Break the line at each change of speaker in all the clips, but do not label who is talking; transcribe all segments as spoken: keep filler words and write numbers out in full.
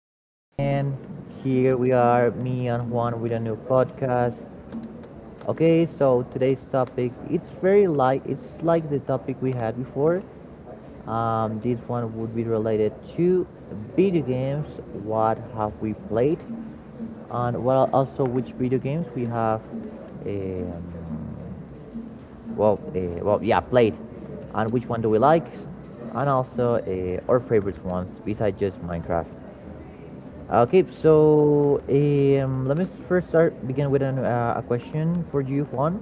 Thank you again. Here we are, me and Juan, with a new podcast. Okay, so today's topic it's very like it's like the topic we had before. Um, this one would be related to video games. What have we played? And well, also which video games we have. Um, well, uh, well, yeah, played, and which one do we like, and also uh, our favorite ones besides just Minecraft. Okay, so um, let me first start begin with an, uh, a question for you, Juan.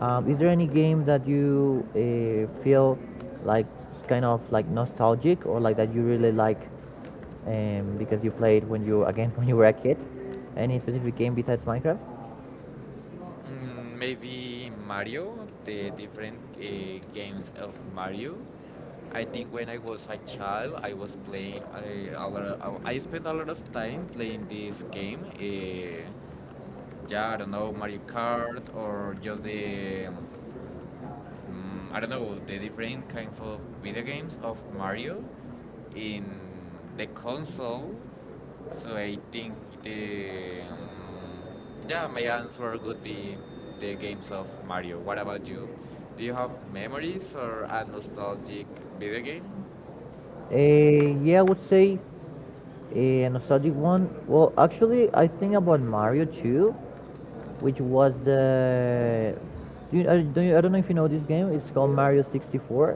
Um, is there any game that you uh, feel like kind of like nostalgic or like that you really like um, because you played when you again when you were a kid? Any specific game besides Minecraft?
Mm, maybe Mario, the different uh, games of Mario. I think when I was a child, I was playing a, a lot of, uh, I spent a lot of time playing this game. Uh, yeah, I don't know, Mario Kart or just the mm, I don't know, the different kind of video games of Mario in the console. So I think the um, yeah, my answer would be the games of Mario. What about you? Do you have memories or a nostalgic video game?
Uh, yeah, I would say uh, a nostalgic one. Well, actually, I think about Mario too. Which was the. Do you, I, do you, I don't know if you know this game. It's called Mario sixty-four.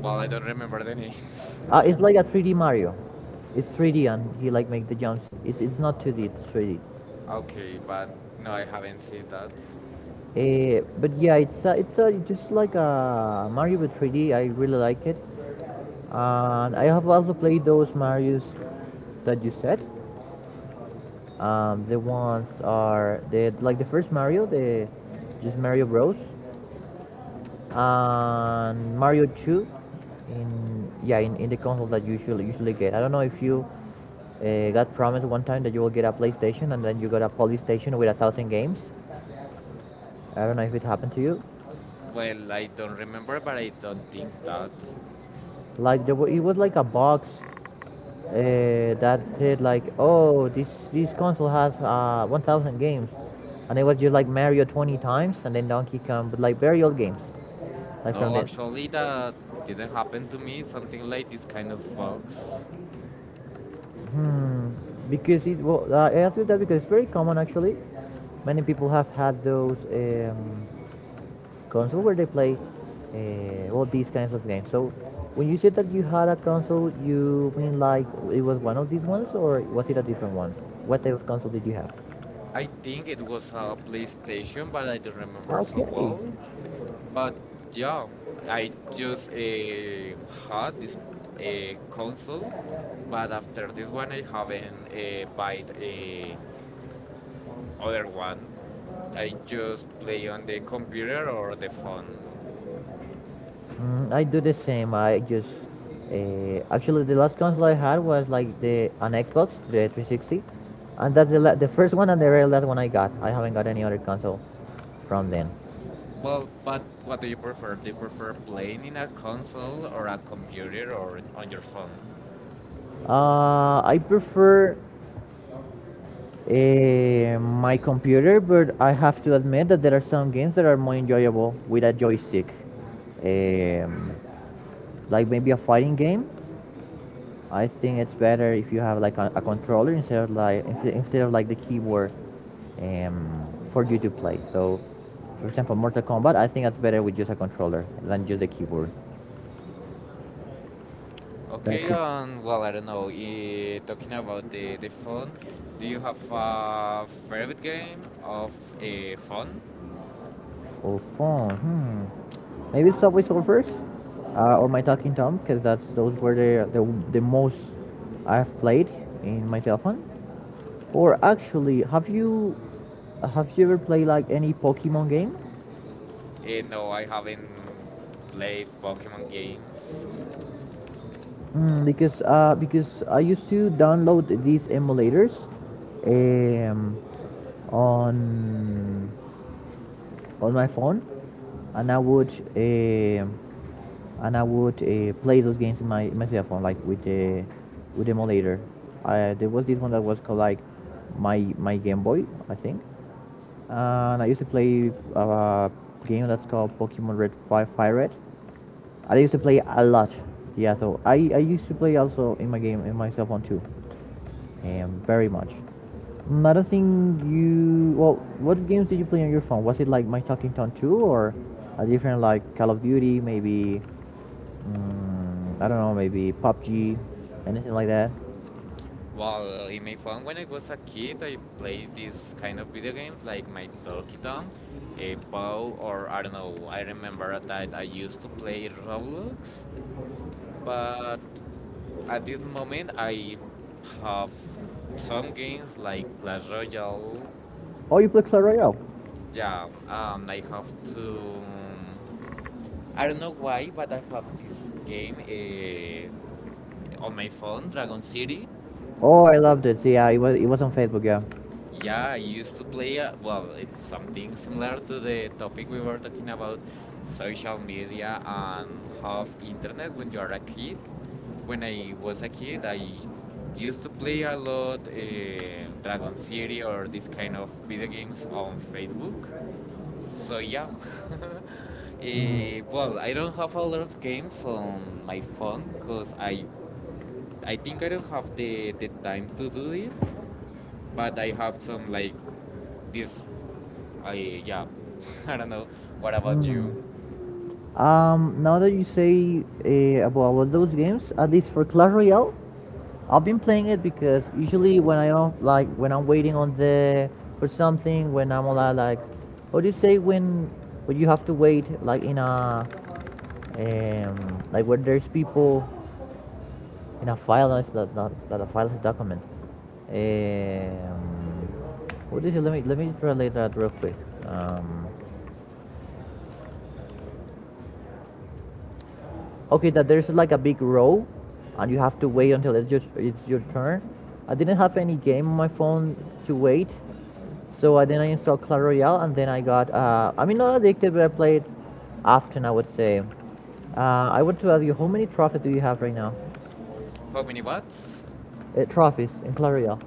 Well, I don't remember the names.
Uh, it's like a three D Mario. It's three D and he like make the jumps. It's it's not two D. It's three D.
Okay, but no, I haven't seen that.
Uh, but yeah, it's a, it's a, Just like a Mario with three D. I really like it, and I have also played those Mario's that you said. Um, the ones are the like the first Mario, the just Mario Bros and Mario two in yeah in, in the console that you usually usually get. I don't know if you uh, got promised one time that you will get a PlayStation, and then you got a PlayStation with a thousand games. I don't know if it happened to you.
Well, I don't remember, but I don't think that.
Like there wa- it was like a box uh, that said like, oh, this this console has uh, one thousand games, and it was just like Mario twenty times and then Donkey Kong, but like very old games like from
No,
the
actually, that didn't happen to me. Something like this kind of bugs.
Hmm. Because it well, uh, I ask you that because it's very common actually. Many people have had those um, console where they play uh, all these kinds of games. So when you said that you had a console, you mean like it was one of these ones, or was it a different one? What type of console did you have?
I think it was a PlayStation, but I don't remember so
Okay.
well. But yeah, I just uh, had this uh, console, but after this one, I haven't uh, bought a other one. I just play on the computer or the phone.
Mm, I do the same. I just uh, actually the last console I had was like the an Xbox, the three sixty, and that's the la- the first one and the very last one I got. I haven't got any other console from then.
Well, but what do you prefer? Do you prefer playing in a console or a computer or on your phone?
Uh, I prefer uh, my computer, but I have to admit that there are some games that are more enjoyable with a joystick, um, like maybe a fighting game. I think it's better if you have like a, a controller instead of like instead of like the keyboard um, for you to play. So, for example, Mortal Kombat, I think that's better with just a controller than just the keyboard. That's
Okay,
it.
um, well, I don't know. eh, talking about the, the phone, do you have a favorite game of a phone?
Or phone. Hmm. Maybe Subway Surfers uh, or My Talking Tom, because that's those were the, the the most I've played in my cell phone. Or actually, have you have you ever played like any Pokemon game?
Eh, no, I haven't played Pokemon games.
Mm, because uh, because I used to download these emulators um, on on my phone, and I would um and I would uh, play those games in my in my cell phone like with the with emulator. I, there was this one that was called like my my Game Boy, I think, and I used to play uh, a game that's called Pokemon Red Fire Fire Red I used to play a lot. Yeah, so I, I used to play also in my game in my cell phone too, um, very much. Another thing you well, what games did you play on your phone? Was it like My Talking Tom two or a different like Call of Duty, maybe mm, I don't know, maybe P U B G, anything like that?
Well, in my phone, when I was a kid, I played these kind of video games like my Donkey Kong, a Poe, or I don't know. I remember that I used to play Roblox, but at this moment, I have some games like Clash Royale.
Oh, you played Clash Royale.
Yeah, um, I have to. mm, I don't know why, but I have this game uh, on my phone, Dragon City.
Oh, I loved it. See, yeah, it was it was on Facebook, yeah.
Yeah, I used to play. Uh, well, it's something similar to the topic we were talking about, social media and half internet when you are a kid. When I was a kid, I used to play a lot uh, Dragon City or this kind of video games on Facebook. So yeah.
Mm.
Eh, well, I don't have a lot of games on my phone because I I think I don't have the the time to do it. But I have some like this. I yeah. I don't know. What about you?
Um, now that you say uh, about, about those games, at least for Clash Royale, I've been playing it because usually when I don't like when I'm waiting on the for something when I'm a lot like, what do you say when when you have to wait like in a um like when there's people in a file. No, it's not. Not it's not a file. It's a document. Um, what is it? Let me let me translate that real quick. Um, okay, that there's like a big row, and you have to wait until it's just it's your turn. I didn't have any game on my phone to wait, so I then I installed Clash Royale, and then I got. Uh, I mean, not addicted, but I played often. I would say. Uh, I want to ask you, how many trophies do you have right now?
How many what?
Uh, trophies in Clash Royale.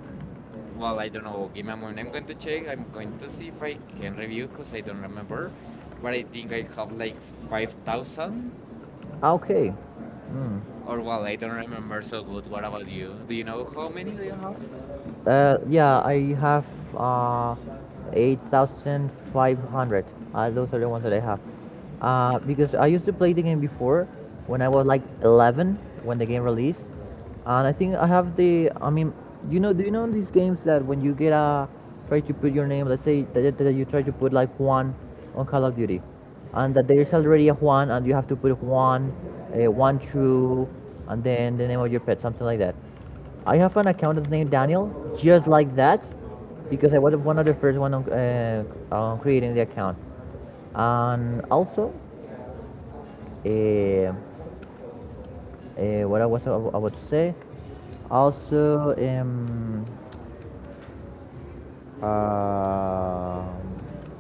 Well, I don't know. Give me a moment. I'm going to check. I'm going to see if I can review because I don't remember. But I think I have like five thousand.
Ah, okay. Hmm.
Or well, I don't remember so good. What about you? Do you know how many do you have?
Uh, yeah, I have uh, eight thousand five hundred. Uh, those are the ones that I have. Uh, because I used to play the game before when I was like eleven when the game released. And I think I have the. I mean, you know, do you know these games that when you get a. Try to put your name, let's say that, that you try to put like Juan on Call of Duty. And that there's already a Juan, and you have to put Juan, uh, one, two, and then the name of your pet, something like that. I have an account that's named Daniel, just like that, because I was one of the first one on, uh, on creating the account. And also, uh, uh, what I was ab- about to say, also, um, uh,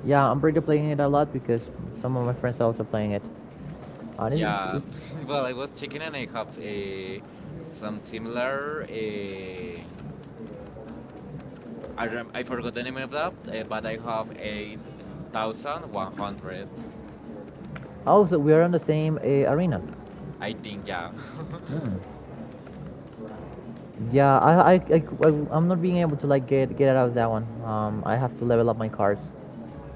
yeah, I'm pretty playing it a lot because some of my friends are also playing it. And it's,
Yeah.
yeah.
Well, I was checking and I have uh, some similar. Uh, I rem- I forgot the name of that, uh, but I have eight thousand one hundred.
Also, we are on the same uh, arena.
I think yeah.
Mm. Yeah, I, I, I, I- I'm not being able to like get get out of that one. Um, I have to level up my cards,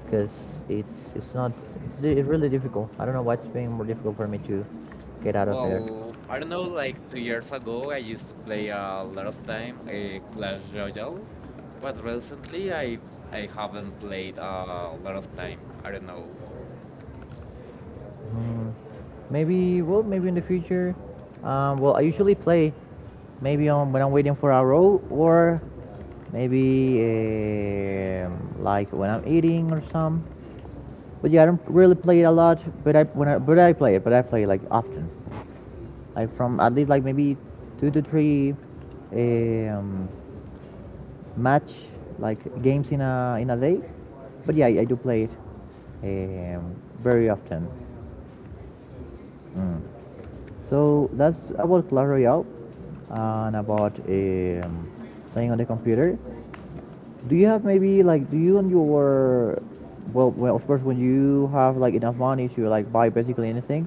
because it's it's not it's, di- it's really difficult. I don't know what's being more difficult for me to get out of there.
Well, I don't know. Like two years ago, I used to play a lot of time uh, Clash Royale, but recently I I haven't played a lot of time. I don't know.
Mm, maybe well, maybe in the future. Um, well, I usually play maybe on when I'm waiting for a row, or maybe um, like when I'm eating or some. But yeah, I don't really play it a lot. But I when I, but I play it, but I play it like often, like from at least like maybe two to three um, match like games in a in a day. But yeah, I, I do play it um, very often. Mm. So that's about Clash Royale and about um, playing on the computer. Do you have maybe like do you and your well, Well, of course, when you have like enough money to like buy basically anything,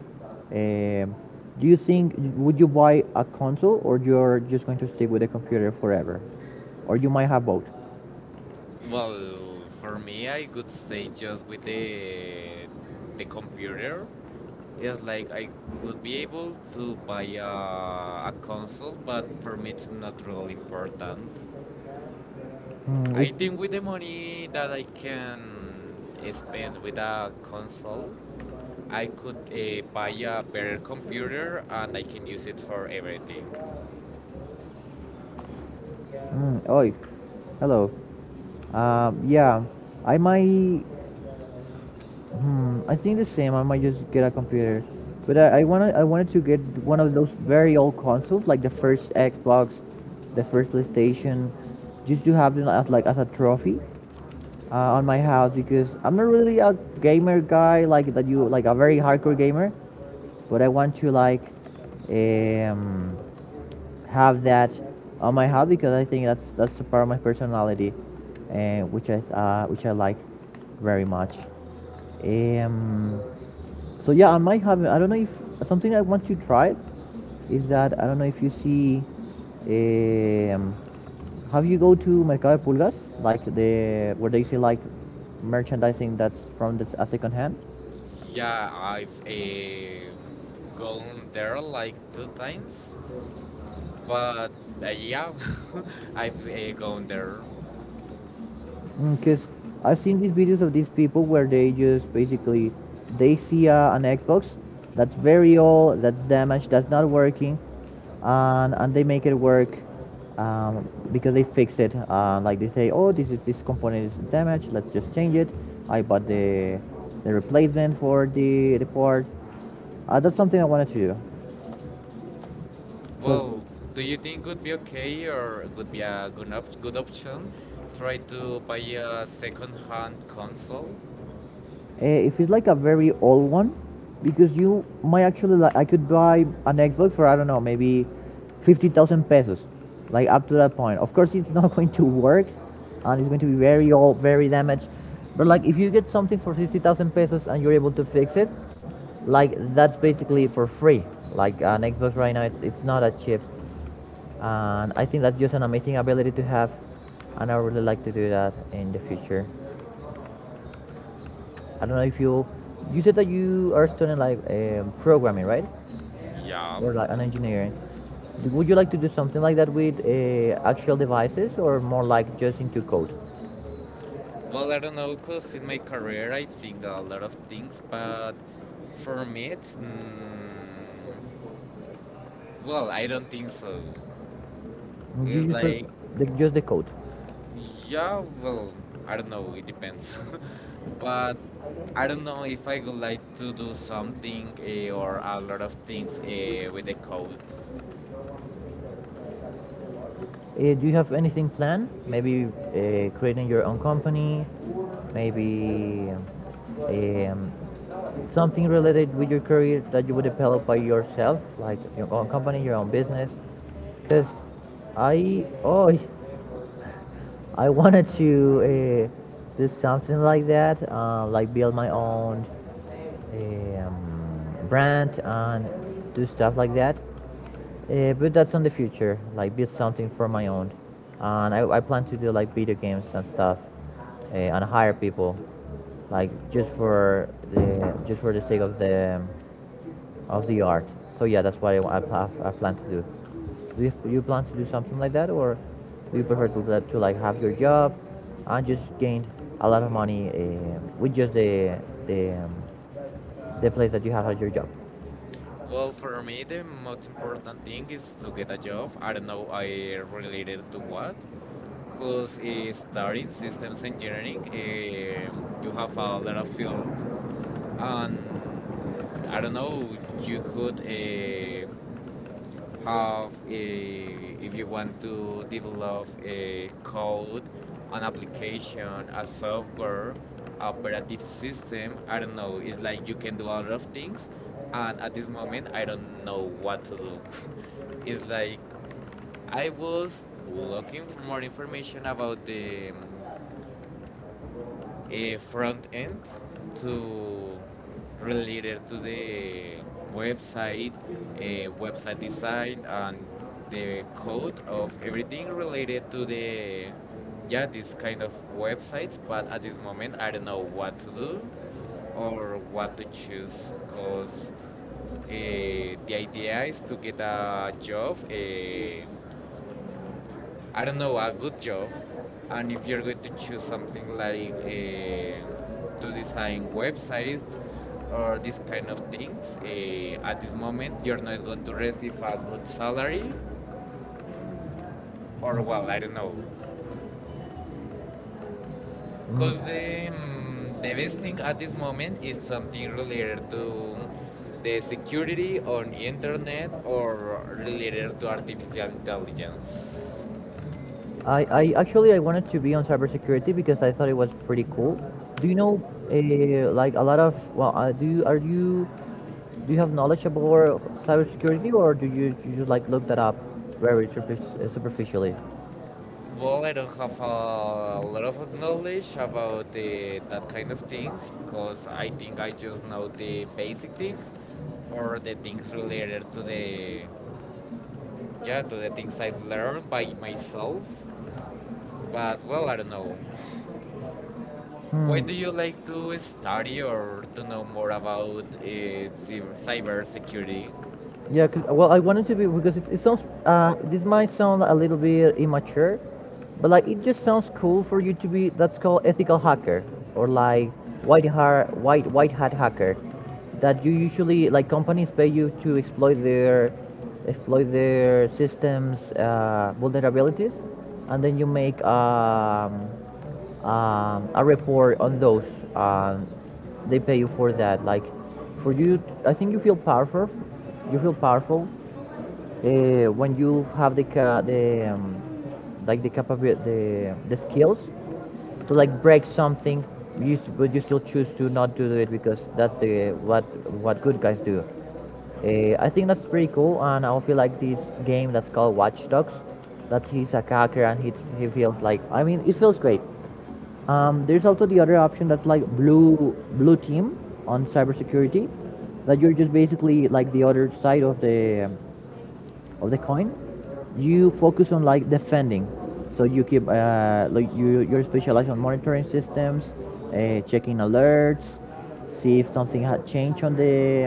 um, do you think would you buy a console, or you're just going to stick with the computer forever, or you might have both?
Well, for me, I could say just with the the computer. It's like I could be able to buy a, a console, but for me it's not really important.
Hmm,
I
if,
think with the money that I can spend with a console, I could uh, buy a better computer and I can use it for everything.
mm, Oi, hello. Um, yeah, I might. Hmm, I think the same. I might just get a computer, but I, I wanna I wanted to get one of those very old consoles, like the first Xbox, the first PlayStation, just to have them as like as a trophy uh, on my house because I'm not really a gamer guy like that. You like a very hardcore gamer, but I want to like um have that on my hat because I think that's that's a part of my personality, and uh, which I uh, which I like very much. Um, so yeah, I might have. I don't know if something I want to try is that I don't know if you see. Um, have you go to Mercado de Pulgas, like the where they say like merchandising that's from the s- a second hand?
Yeah, I've uh, gone there like two times, but uh, yeah. I've uh, gone there.
Because I've seen these videos of these people where they just basically they see uh, an Xbox that's very old, that's damaged, that's not working, and and they make it work um, because they fix it. Uh, like they say, oh, this is this component is damaged. Let's just change it. I bought the the replacement for the the part. Uh, that's something I wanted to do. So
Well, do you think would be okay or would be a good op- good option? Try to buy a second-hand console?
Uh, if it's like a very old one, because you might actually like, I could buy an Xbox for I don't know maybe fifty thousand pesos, like up to that point. Of course, it's not going to work, and it's going to be very old, very damaged. But like if you get something for sixty thousand pesos and you're able to fix it, like that's basically for free. Like an Xbox right now, it's it's not that cheap, and I think that's just an amazing ability to have, and I would really like to do that in the future. I don't know if you you said that you are studying like um, programming, right?
Yeah.
Or like
Mm.
an engineering. Would you like to do something like that with uh, actual devices, or more like just into code?
Well, I don't know, know, cause in my career I've seen a lot of things, but for me it's mm, well, I don't think so.
You
It's
just, pre-
like
the, just the code.
yeah, well, I don't know, it depends. But I don't know if I would like to do something eh, or a lot of things eh, with the code.
Uh, do you have anything planned? Maybe uh, creating your own company, maybe um, something related with your career that you would develop by yourself, like your own company, your own business. Because I, oh, I wanted to uh, do something like that, uh, like build my own um, brand and do stuff like that. Uh, but that's in the future, like build something for my own. And I, I plan to do like video games and stuff, uh, and hire people, like just for the just for the sake of the of the art. So yeah, that's what I, I, I plan to do. Do you, you plan to do something like that, or do you prefer to, to like have your job and just gain a lot of money eh, with just the the um, the place that you have as your job?
Well, for me, the most important thing is to get a job. I don't know, I related to what. Because uh, starting systems engineering, um you have a lot of field, and I don't know, you could uh, have a, if you want to develop a code, an application, a software, operative system, I don't know. It's like you can do a lot of things, and at this moment, I don't know what to do. It's like I was looking for more information about the um, a front end to related to the website, a website design, and the code of everything related to the yeah this kind of websites. But at this moment, I don't know what to do or what to choose because uh, the idea is to get a job. Uh, I don't know, a good job, and if you're going to choose something like uh, to design websites or this kind of things, uh, at this moment you're not going to receive a good salary, or well, I don't know.
Mm,
Because the, mm, the best thing at this moment is something related to the security on internet or related to artificial intelligence.
I, I actually I wanted to be on cybersecurity because I thought it was pretty cool. Do you know eh, like a lot of well uh, do you, are you do you have knowledge about cybersecurity, or do you, you just like look that up very superfic- uh, superficially?
Well, I don't have a lot of knowledge about the, that kind of things because I think I just know the basic things or the things related to the yeah to the things I've learned by myself. But well, I don't know.
Hmm.
Why
Why do
do
you
you
like
like to
doing
study
audio
or
to
to know
know
more
more about
about uh, cyber
uh, cybersecurity?
cybersecurity?
Yeah, 'cause- well, I wanted to be because it's, it sounds. Uh, this might sound a little bit immature, but like it just sounds cool for you to be. That's called ethical hacker or like white hat white white hat hacker, that you usually like companies pay you to exploit their exploit their systems uh, vulnerabilities, and then you make um, um, a report on those. Um, they pay you for that. Like for you, I think you feel powerful. You feel powerful uh, when you have the ca- the um, like the capability, the the skills to like break something. You s- but you still choose to not do it because that's the what what good guys do. Uh, I think that's pretty cool, and I feel like this game that's called Watch Dogs, that he's a hacker and he, he feels like, I mean, it feels great. Um, there's also the other option that's like blue blue team on cybersecurity, that you're just basically like the other side of the of the coin. You focus on like defending, so you keep uh, like you you're specialized on monitoring systems, uh, checking alerts, see if something had changed on the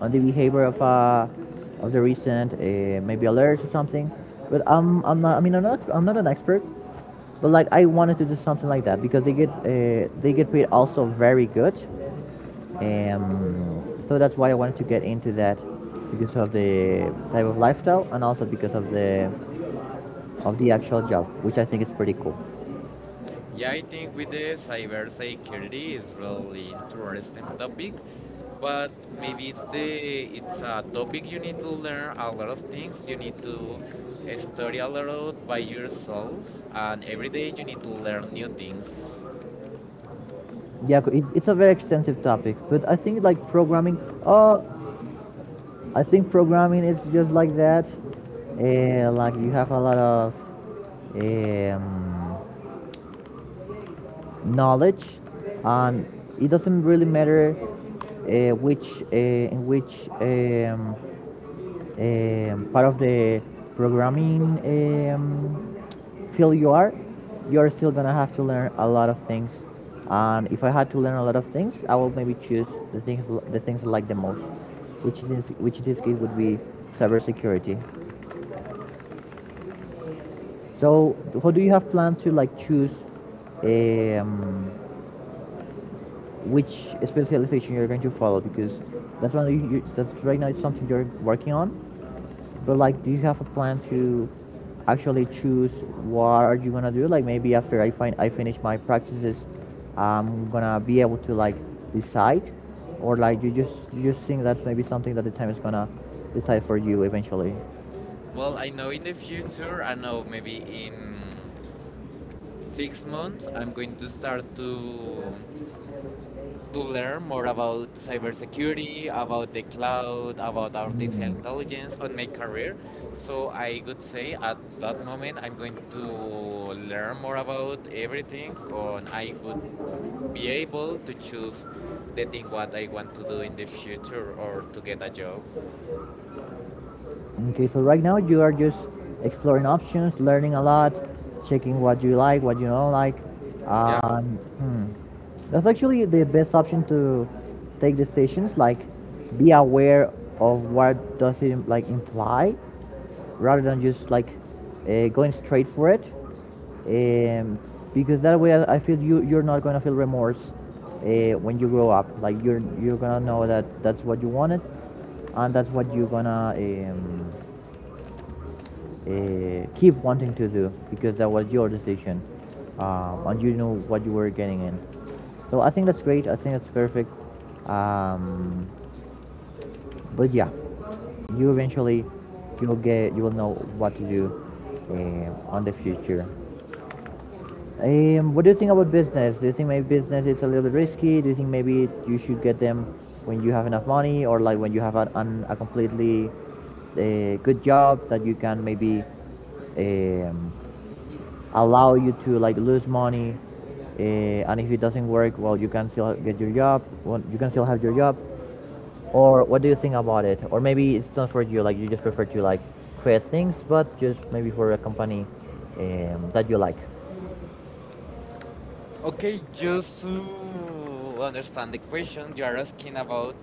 on the behavior of uh, of the recent uh, maybe alerts or something. But I'm I'm not I mean I'm not I'm not an expert, but like I wanted to do something like that because they get uh, they get paid also very good, um, so that's why I wanted to get into that because of the type of lifestyle and also because of the of the actual job, which I think is pretty cool.
Yeah, I think with the cybersecurity is really interesting topic, but maybe it's the it's a topic you need to learn a lot of things. You need to uh, study a lot by yourself, and every day you need to learn new things.
Yeah, it's, it's a very extensive topic, but I think like programming. Oh, I think programming is just like that. Uh, like you have a lot of um, knowledge, and it doesn't really matter uh, which uh, in which um, um, part of the programming um, field you are. You're still gonna have to learn a lot of things, and if I had to learn a lot of things, I will maybe choose the things the things I like the most, which is in, which in this case would be cybersecurity. So, how do you have planned to like choose? Um, which specialization you're going to follow? Because that's one you, you, that's right now it's something you're working on, but like do you have a plan to actually choose what are you gonna do, like maybe after i find I finish my practices I'm gonna be able to like decide? Or like you just you just think that maybe something, that the time is gonna decide for you eventually.
Well, I know in the future, I know maybe in six months, I'm going to start to to learn more about cybersecurity, about the cloud, about artificial intelligence on my career. So I could say at that moment I'm going to learn more about everything, and I would be able to choose the thing what I want to do in the future or to get a job.
Okay, so right now you are just exploring options, learning a lot, checking what you like, what you don't like.
Yeah.
Um, hmm. That's actually the best option to take decisions. Like, be aware of what does it like imply, rather than just like uh, going straight for it, um, because that way I, I feel you you're not gonna feel remorse uh, when you grow up, like you're you're gonna know that that's what you wanted, and that's what you're gonna um, uh, keep wanting to do because that was your decision, um, and you know what you were getting in. So I think that's great. I think that's perfect. um, but yeah, you eventually you'll get you will know what to do um, on the future. Um, what do you think about business? Do you think maybe business is a little bit risky? Do you think maybe you should get them when you have enough money, or like when you have an, an, a completely uh, good job that you can maybe um, allow you to like lose money uh, and if it doesn't work well you can still get your job well, you can still have your job? Or what do you think about it? Or maybe it's not for you, like you just prefer to like create things, but just maybe for a company um, that you like.
Okay, just to understand the question, you are asking about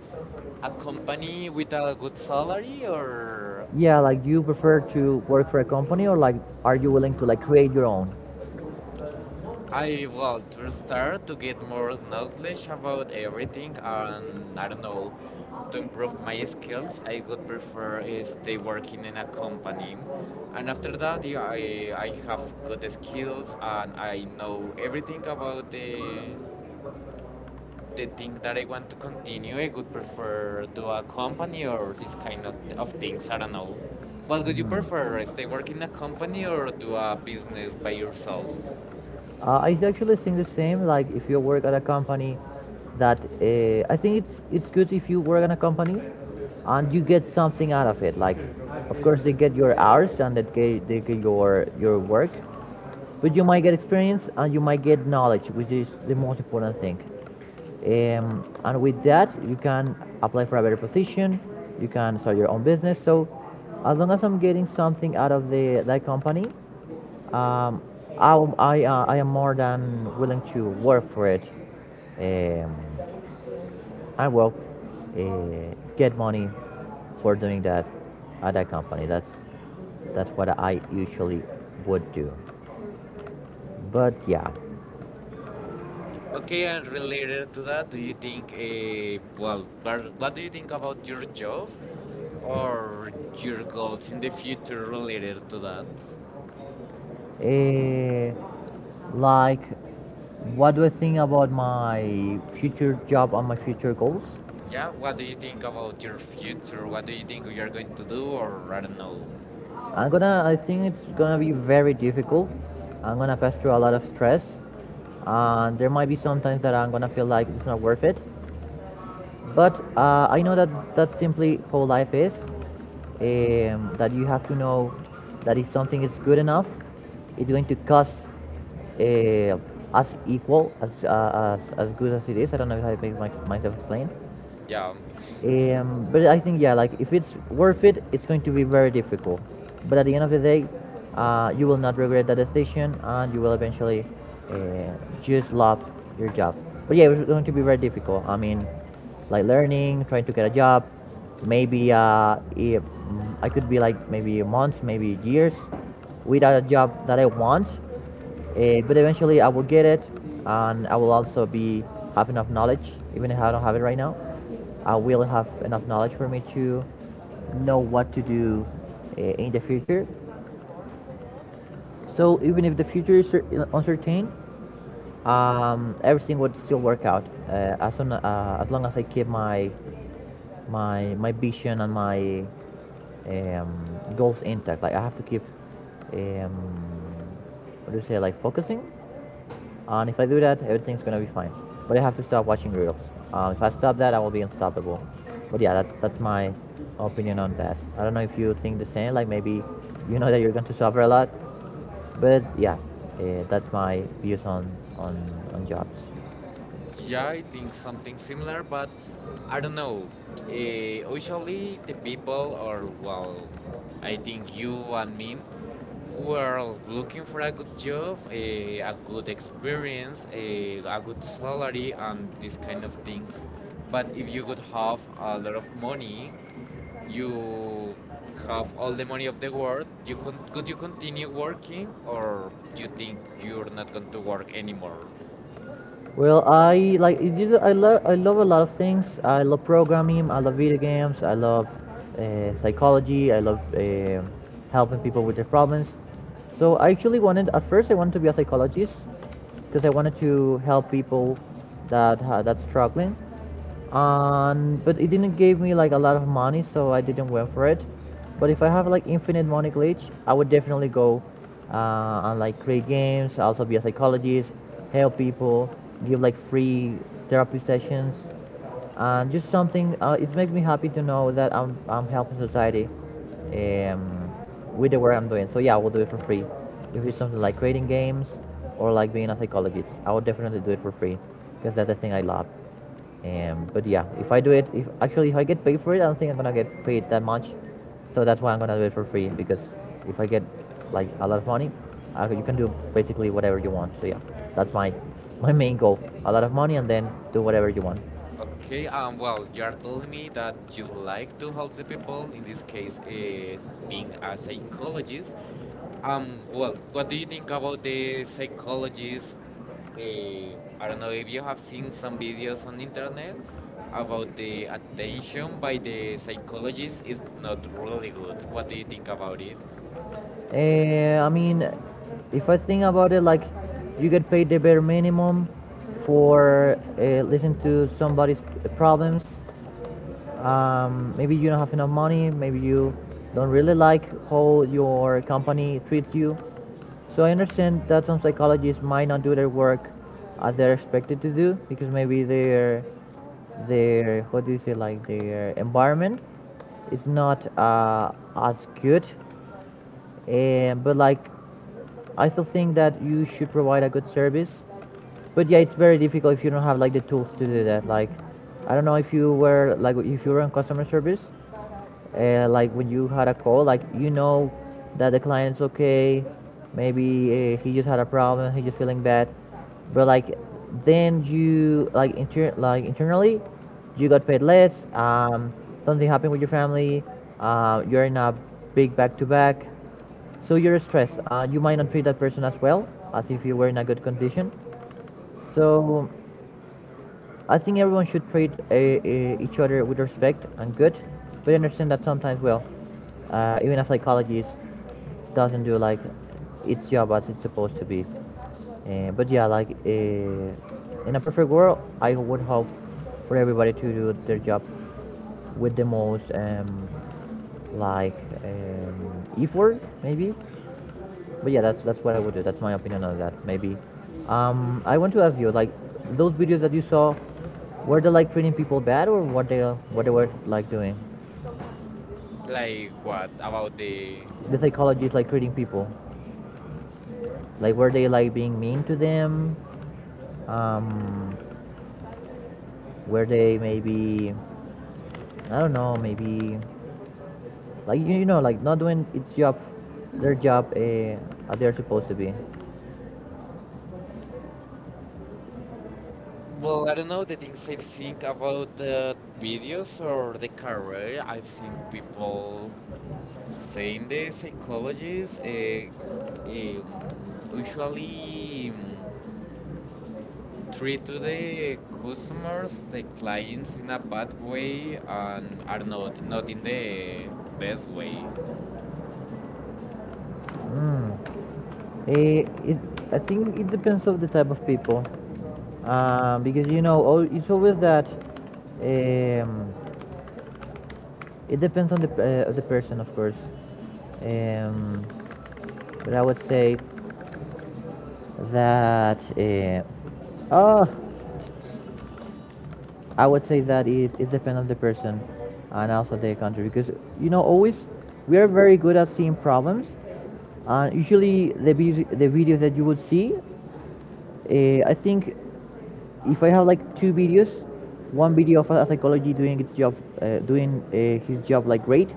a company with a good salary or
Yeah, like do you prefer to work for a company, or like are you willing to like create your own?
I well to start to get more knowledge about everything and I don't know to improve my skills I would prefer is stay working in a company and after that yeah, I I have good skills and I know everything about the the thing that I want to continue I would prefer do a company or this kind of, of things I don't know what would you prefer eh, stay working in a company or do a business by yourself.
Uh, I actually think the same. Like if you work at a company, that uh, I think it's it's good if you work at a company and you get something out of it. Like, of course, they get your hours and they get, they get your your work. But you might get experience and you might get knowledge, which is the most important thing. Um, and with that, you can apply for a better position. You can start your own business. So, as long as I'm getting something out of the that company, um, I, I, uh, I am more than willing to work for it. Um, and will uh, get money for doing that at that company. That's that's what I usually would do. But yeah.
Okay, and related to that, do you think, uh, well, what what do you think about your job or your goals in the future related to that?
Eh, like, what do I think about my future job and my future goals?
Yeah, what do you think about your future? What do you think you are going to do, or I don't know?
I'm gonna, I think it's gonna be very difficult. I'm gonna pass through a lot of stress. And there might be some times that I'm gonna feel like it's not worth it. But uh, I know that that's simply how life is. Um, that you have to know that if something is good enough, it's going to cost uh, as equal as, uh, as as good as it is. I don't know if I make my, myself explain.
Yeah.
Um, but I think yeah, like if it's worth it, it's going to be very difficult. But at the end of the day, uh, you will not regret that decision, and you will eventually uh, just love your job. But yeah, it's going to be very difficult. I mean, like learning, trying to get a job, maybe uh, if, mm, I could be like maybe months, maybe years without a job that I want. Eh, but eventually I will get it, and I will also be have enough knowledge. Even if I don't have it right now, I will have enough knowledge for me to know what to do uh, in the future. So even if the future is uncertain, um, everything would still work out uh, as, soon, uh, as long as I keep my my my vision and my um, goals intact. Like I have to keep um, what do you say, like focusing. And if I do that, everything's gonna be fine. But I have to stop watching reels. Um, if I stop that, I will be unstoppable. But yeah, that's that's my opinion on that. I don't know if you think the same. Like maybe you know that you're going to suffer a lot. But yeah, uh, that's my views on on on jobs.
Yeah, I think something similar, but I don't know. Uh, usually, the people, or well, I think you and me, were looking for a good job, a, a good experience, a, a good salary, and these kind of things. But if you could have a lot of money, you have all the money of the world, you con- could you continue working, or you think you're not going to work anymore?
Well, I like it is- I love I love a lot of things. I love programming. I love video games. I love uh, psychology. I love uh, helping people with their problems. So I actually wanted at first I wanted to be a psychologist because I wanted to help people that ha- that's struggling and but it didn't give me like a lot of money so I didn't went for it. But if I have like infinite money glitch I would definitely go, uh, and like create games, also be a psychologist, help people, give like free therapy sessions. And just something, uh, it makes me happy to know that i'm, I'm helping society um, with the work I'm doing. So yeah, I will do it for free if it's something like creating games or like being a psychologist. I will definitely do it for free because that's the thing I love. Um, but yeah, if I do it, if actually if I get paid for it, I don't think I'm gonna get paid that much. So that's why I'm gonna do it for free, because if I get like a lot of money, I, you can do basically whatever you want. So yeah, that's my my main goal: a lot of money and then do whatever you want.
Okay, um, well, you're telling me that you like to help the people, in this case, uh, being a psychologist. Um, well, what do you think about the psychologists? Uh, I don't know if you have seen some videos on internet about the attention by the psychologist is not really good. What do you think about it?
Uh, I mean, if I think about it, like you get paid the bare minimum for uh, listening to somebody's problems. Um, maybe you don't have enough money, maybe you don't really like how your company treats you, so I understand that some psychologists might not do their work as they're expected to do, because maybe their their what do you say, like their environment is not uh, as good. And but like I still think that you should provide a good service. But yeah, it's very difficult if you don't have like the tools to do that. Like I don't know if you were like if you were in customer service, uh, like when you had a call, like you know that the client's okay, maybe uh, he just had a problem, he just feeling bad. But like then you like inter- like internally you got paid less, um, something happened with your family, uh, you're in a big back-to-back, so you're stressed, uh, you might not treat that person as well as if you were in a good condition. So I think everyone should treat a, a, each other with respect and good, but understand that sometimes, well, uh, even a psychologist doesn't do like its job as it's supposed to be. Uh, but yeah, like uh, in a perfect world, I would hope for everybody to do their job with the most um, like um, effort, maybe. But yeah, that's that's what I would do. That's my opinion on that. Maybe. Um, I want to ask you, like, those videos that you saw, were they like treating people bad, or what they what they were like doing?
Like what about the
The psychologists like treating people, like were they like being mean to them? Um, were they maybe, I don't know, maybe like you, you know, like not doing its job, their job, uh, as they're supposed to be.
Well, I don't know the things I've seen about the videos or the career. I've seen people saying the psychologists uh, um, usually um, treat to the customers, the clients in a bad way and are not not in the best way.
Mm. Eh, it, I think it depends of the type of people, uh, because you know, al- it's always that. Um, it depends on the uh, of the person, of course. Um, but I would say that. Uh, oh, I would say that it, it depends on the person, and also the country, because you know, always we are very good at seeing problems, and usually the vis- the videos that you would see, uh, I think if I have like two videos, one video of a psychology doing its job, uh, doing uh, his job like great,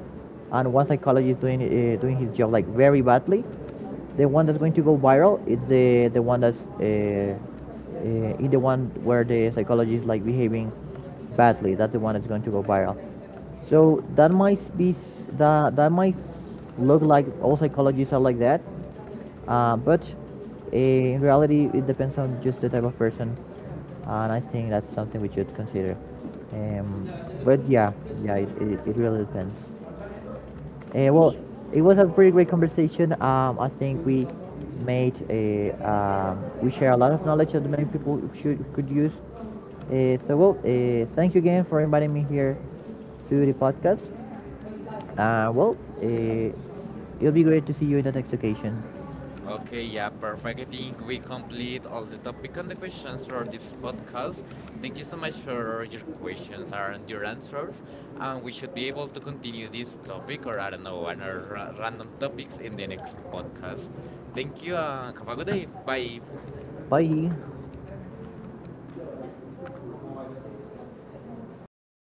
and one psychologist doing uh, doing his job like very badly, the one that's going to go viral is the the one that's uh, uh, in the one where the psychologist is like behaving badly. That's the one that's going to go viral. So that might be that that might look like all psychologists are like that, uh, but eh, in reality, it depends on just the type of person, and I think that's something we should consider. Um, but yeah, yeah, it, it, it really depends. Eh, well, it was a pretty great conversation. Um, I think we made a um, we share a lot of knowledge that many people should could use. Uh, so well, uh, thank you again for inviting me here to the podcast. Uh, well, uh, it'll be great to see you in the next occasion.
Okay, yeah, perfect. I think we complete all the topic and the questions for this podcast. Thank you so much for your questions and your answers. And we should be able to continue this topic or I don't know, another ra- random topics in the next podcast. Thank you. Uh, have a good day. Bye.
Bye.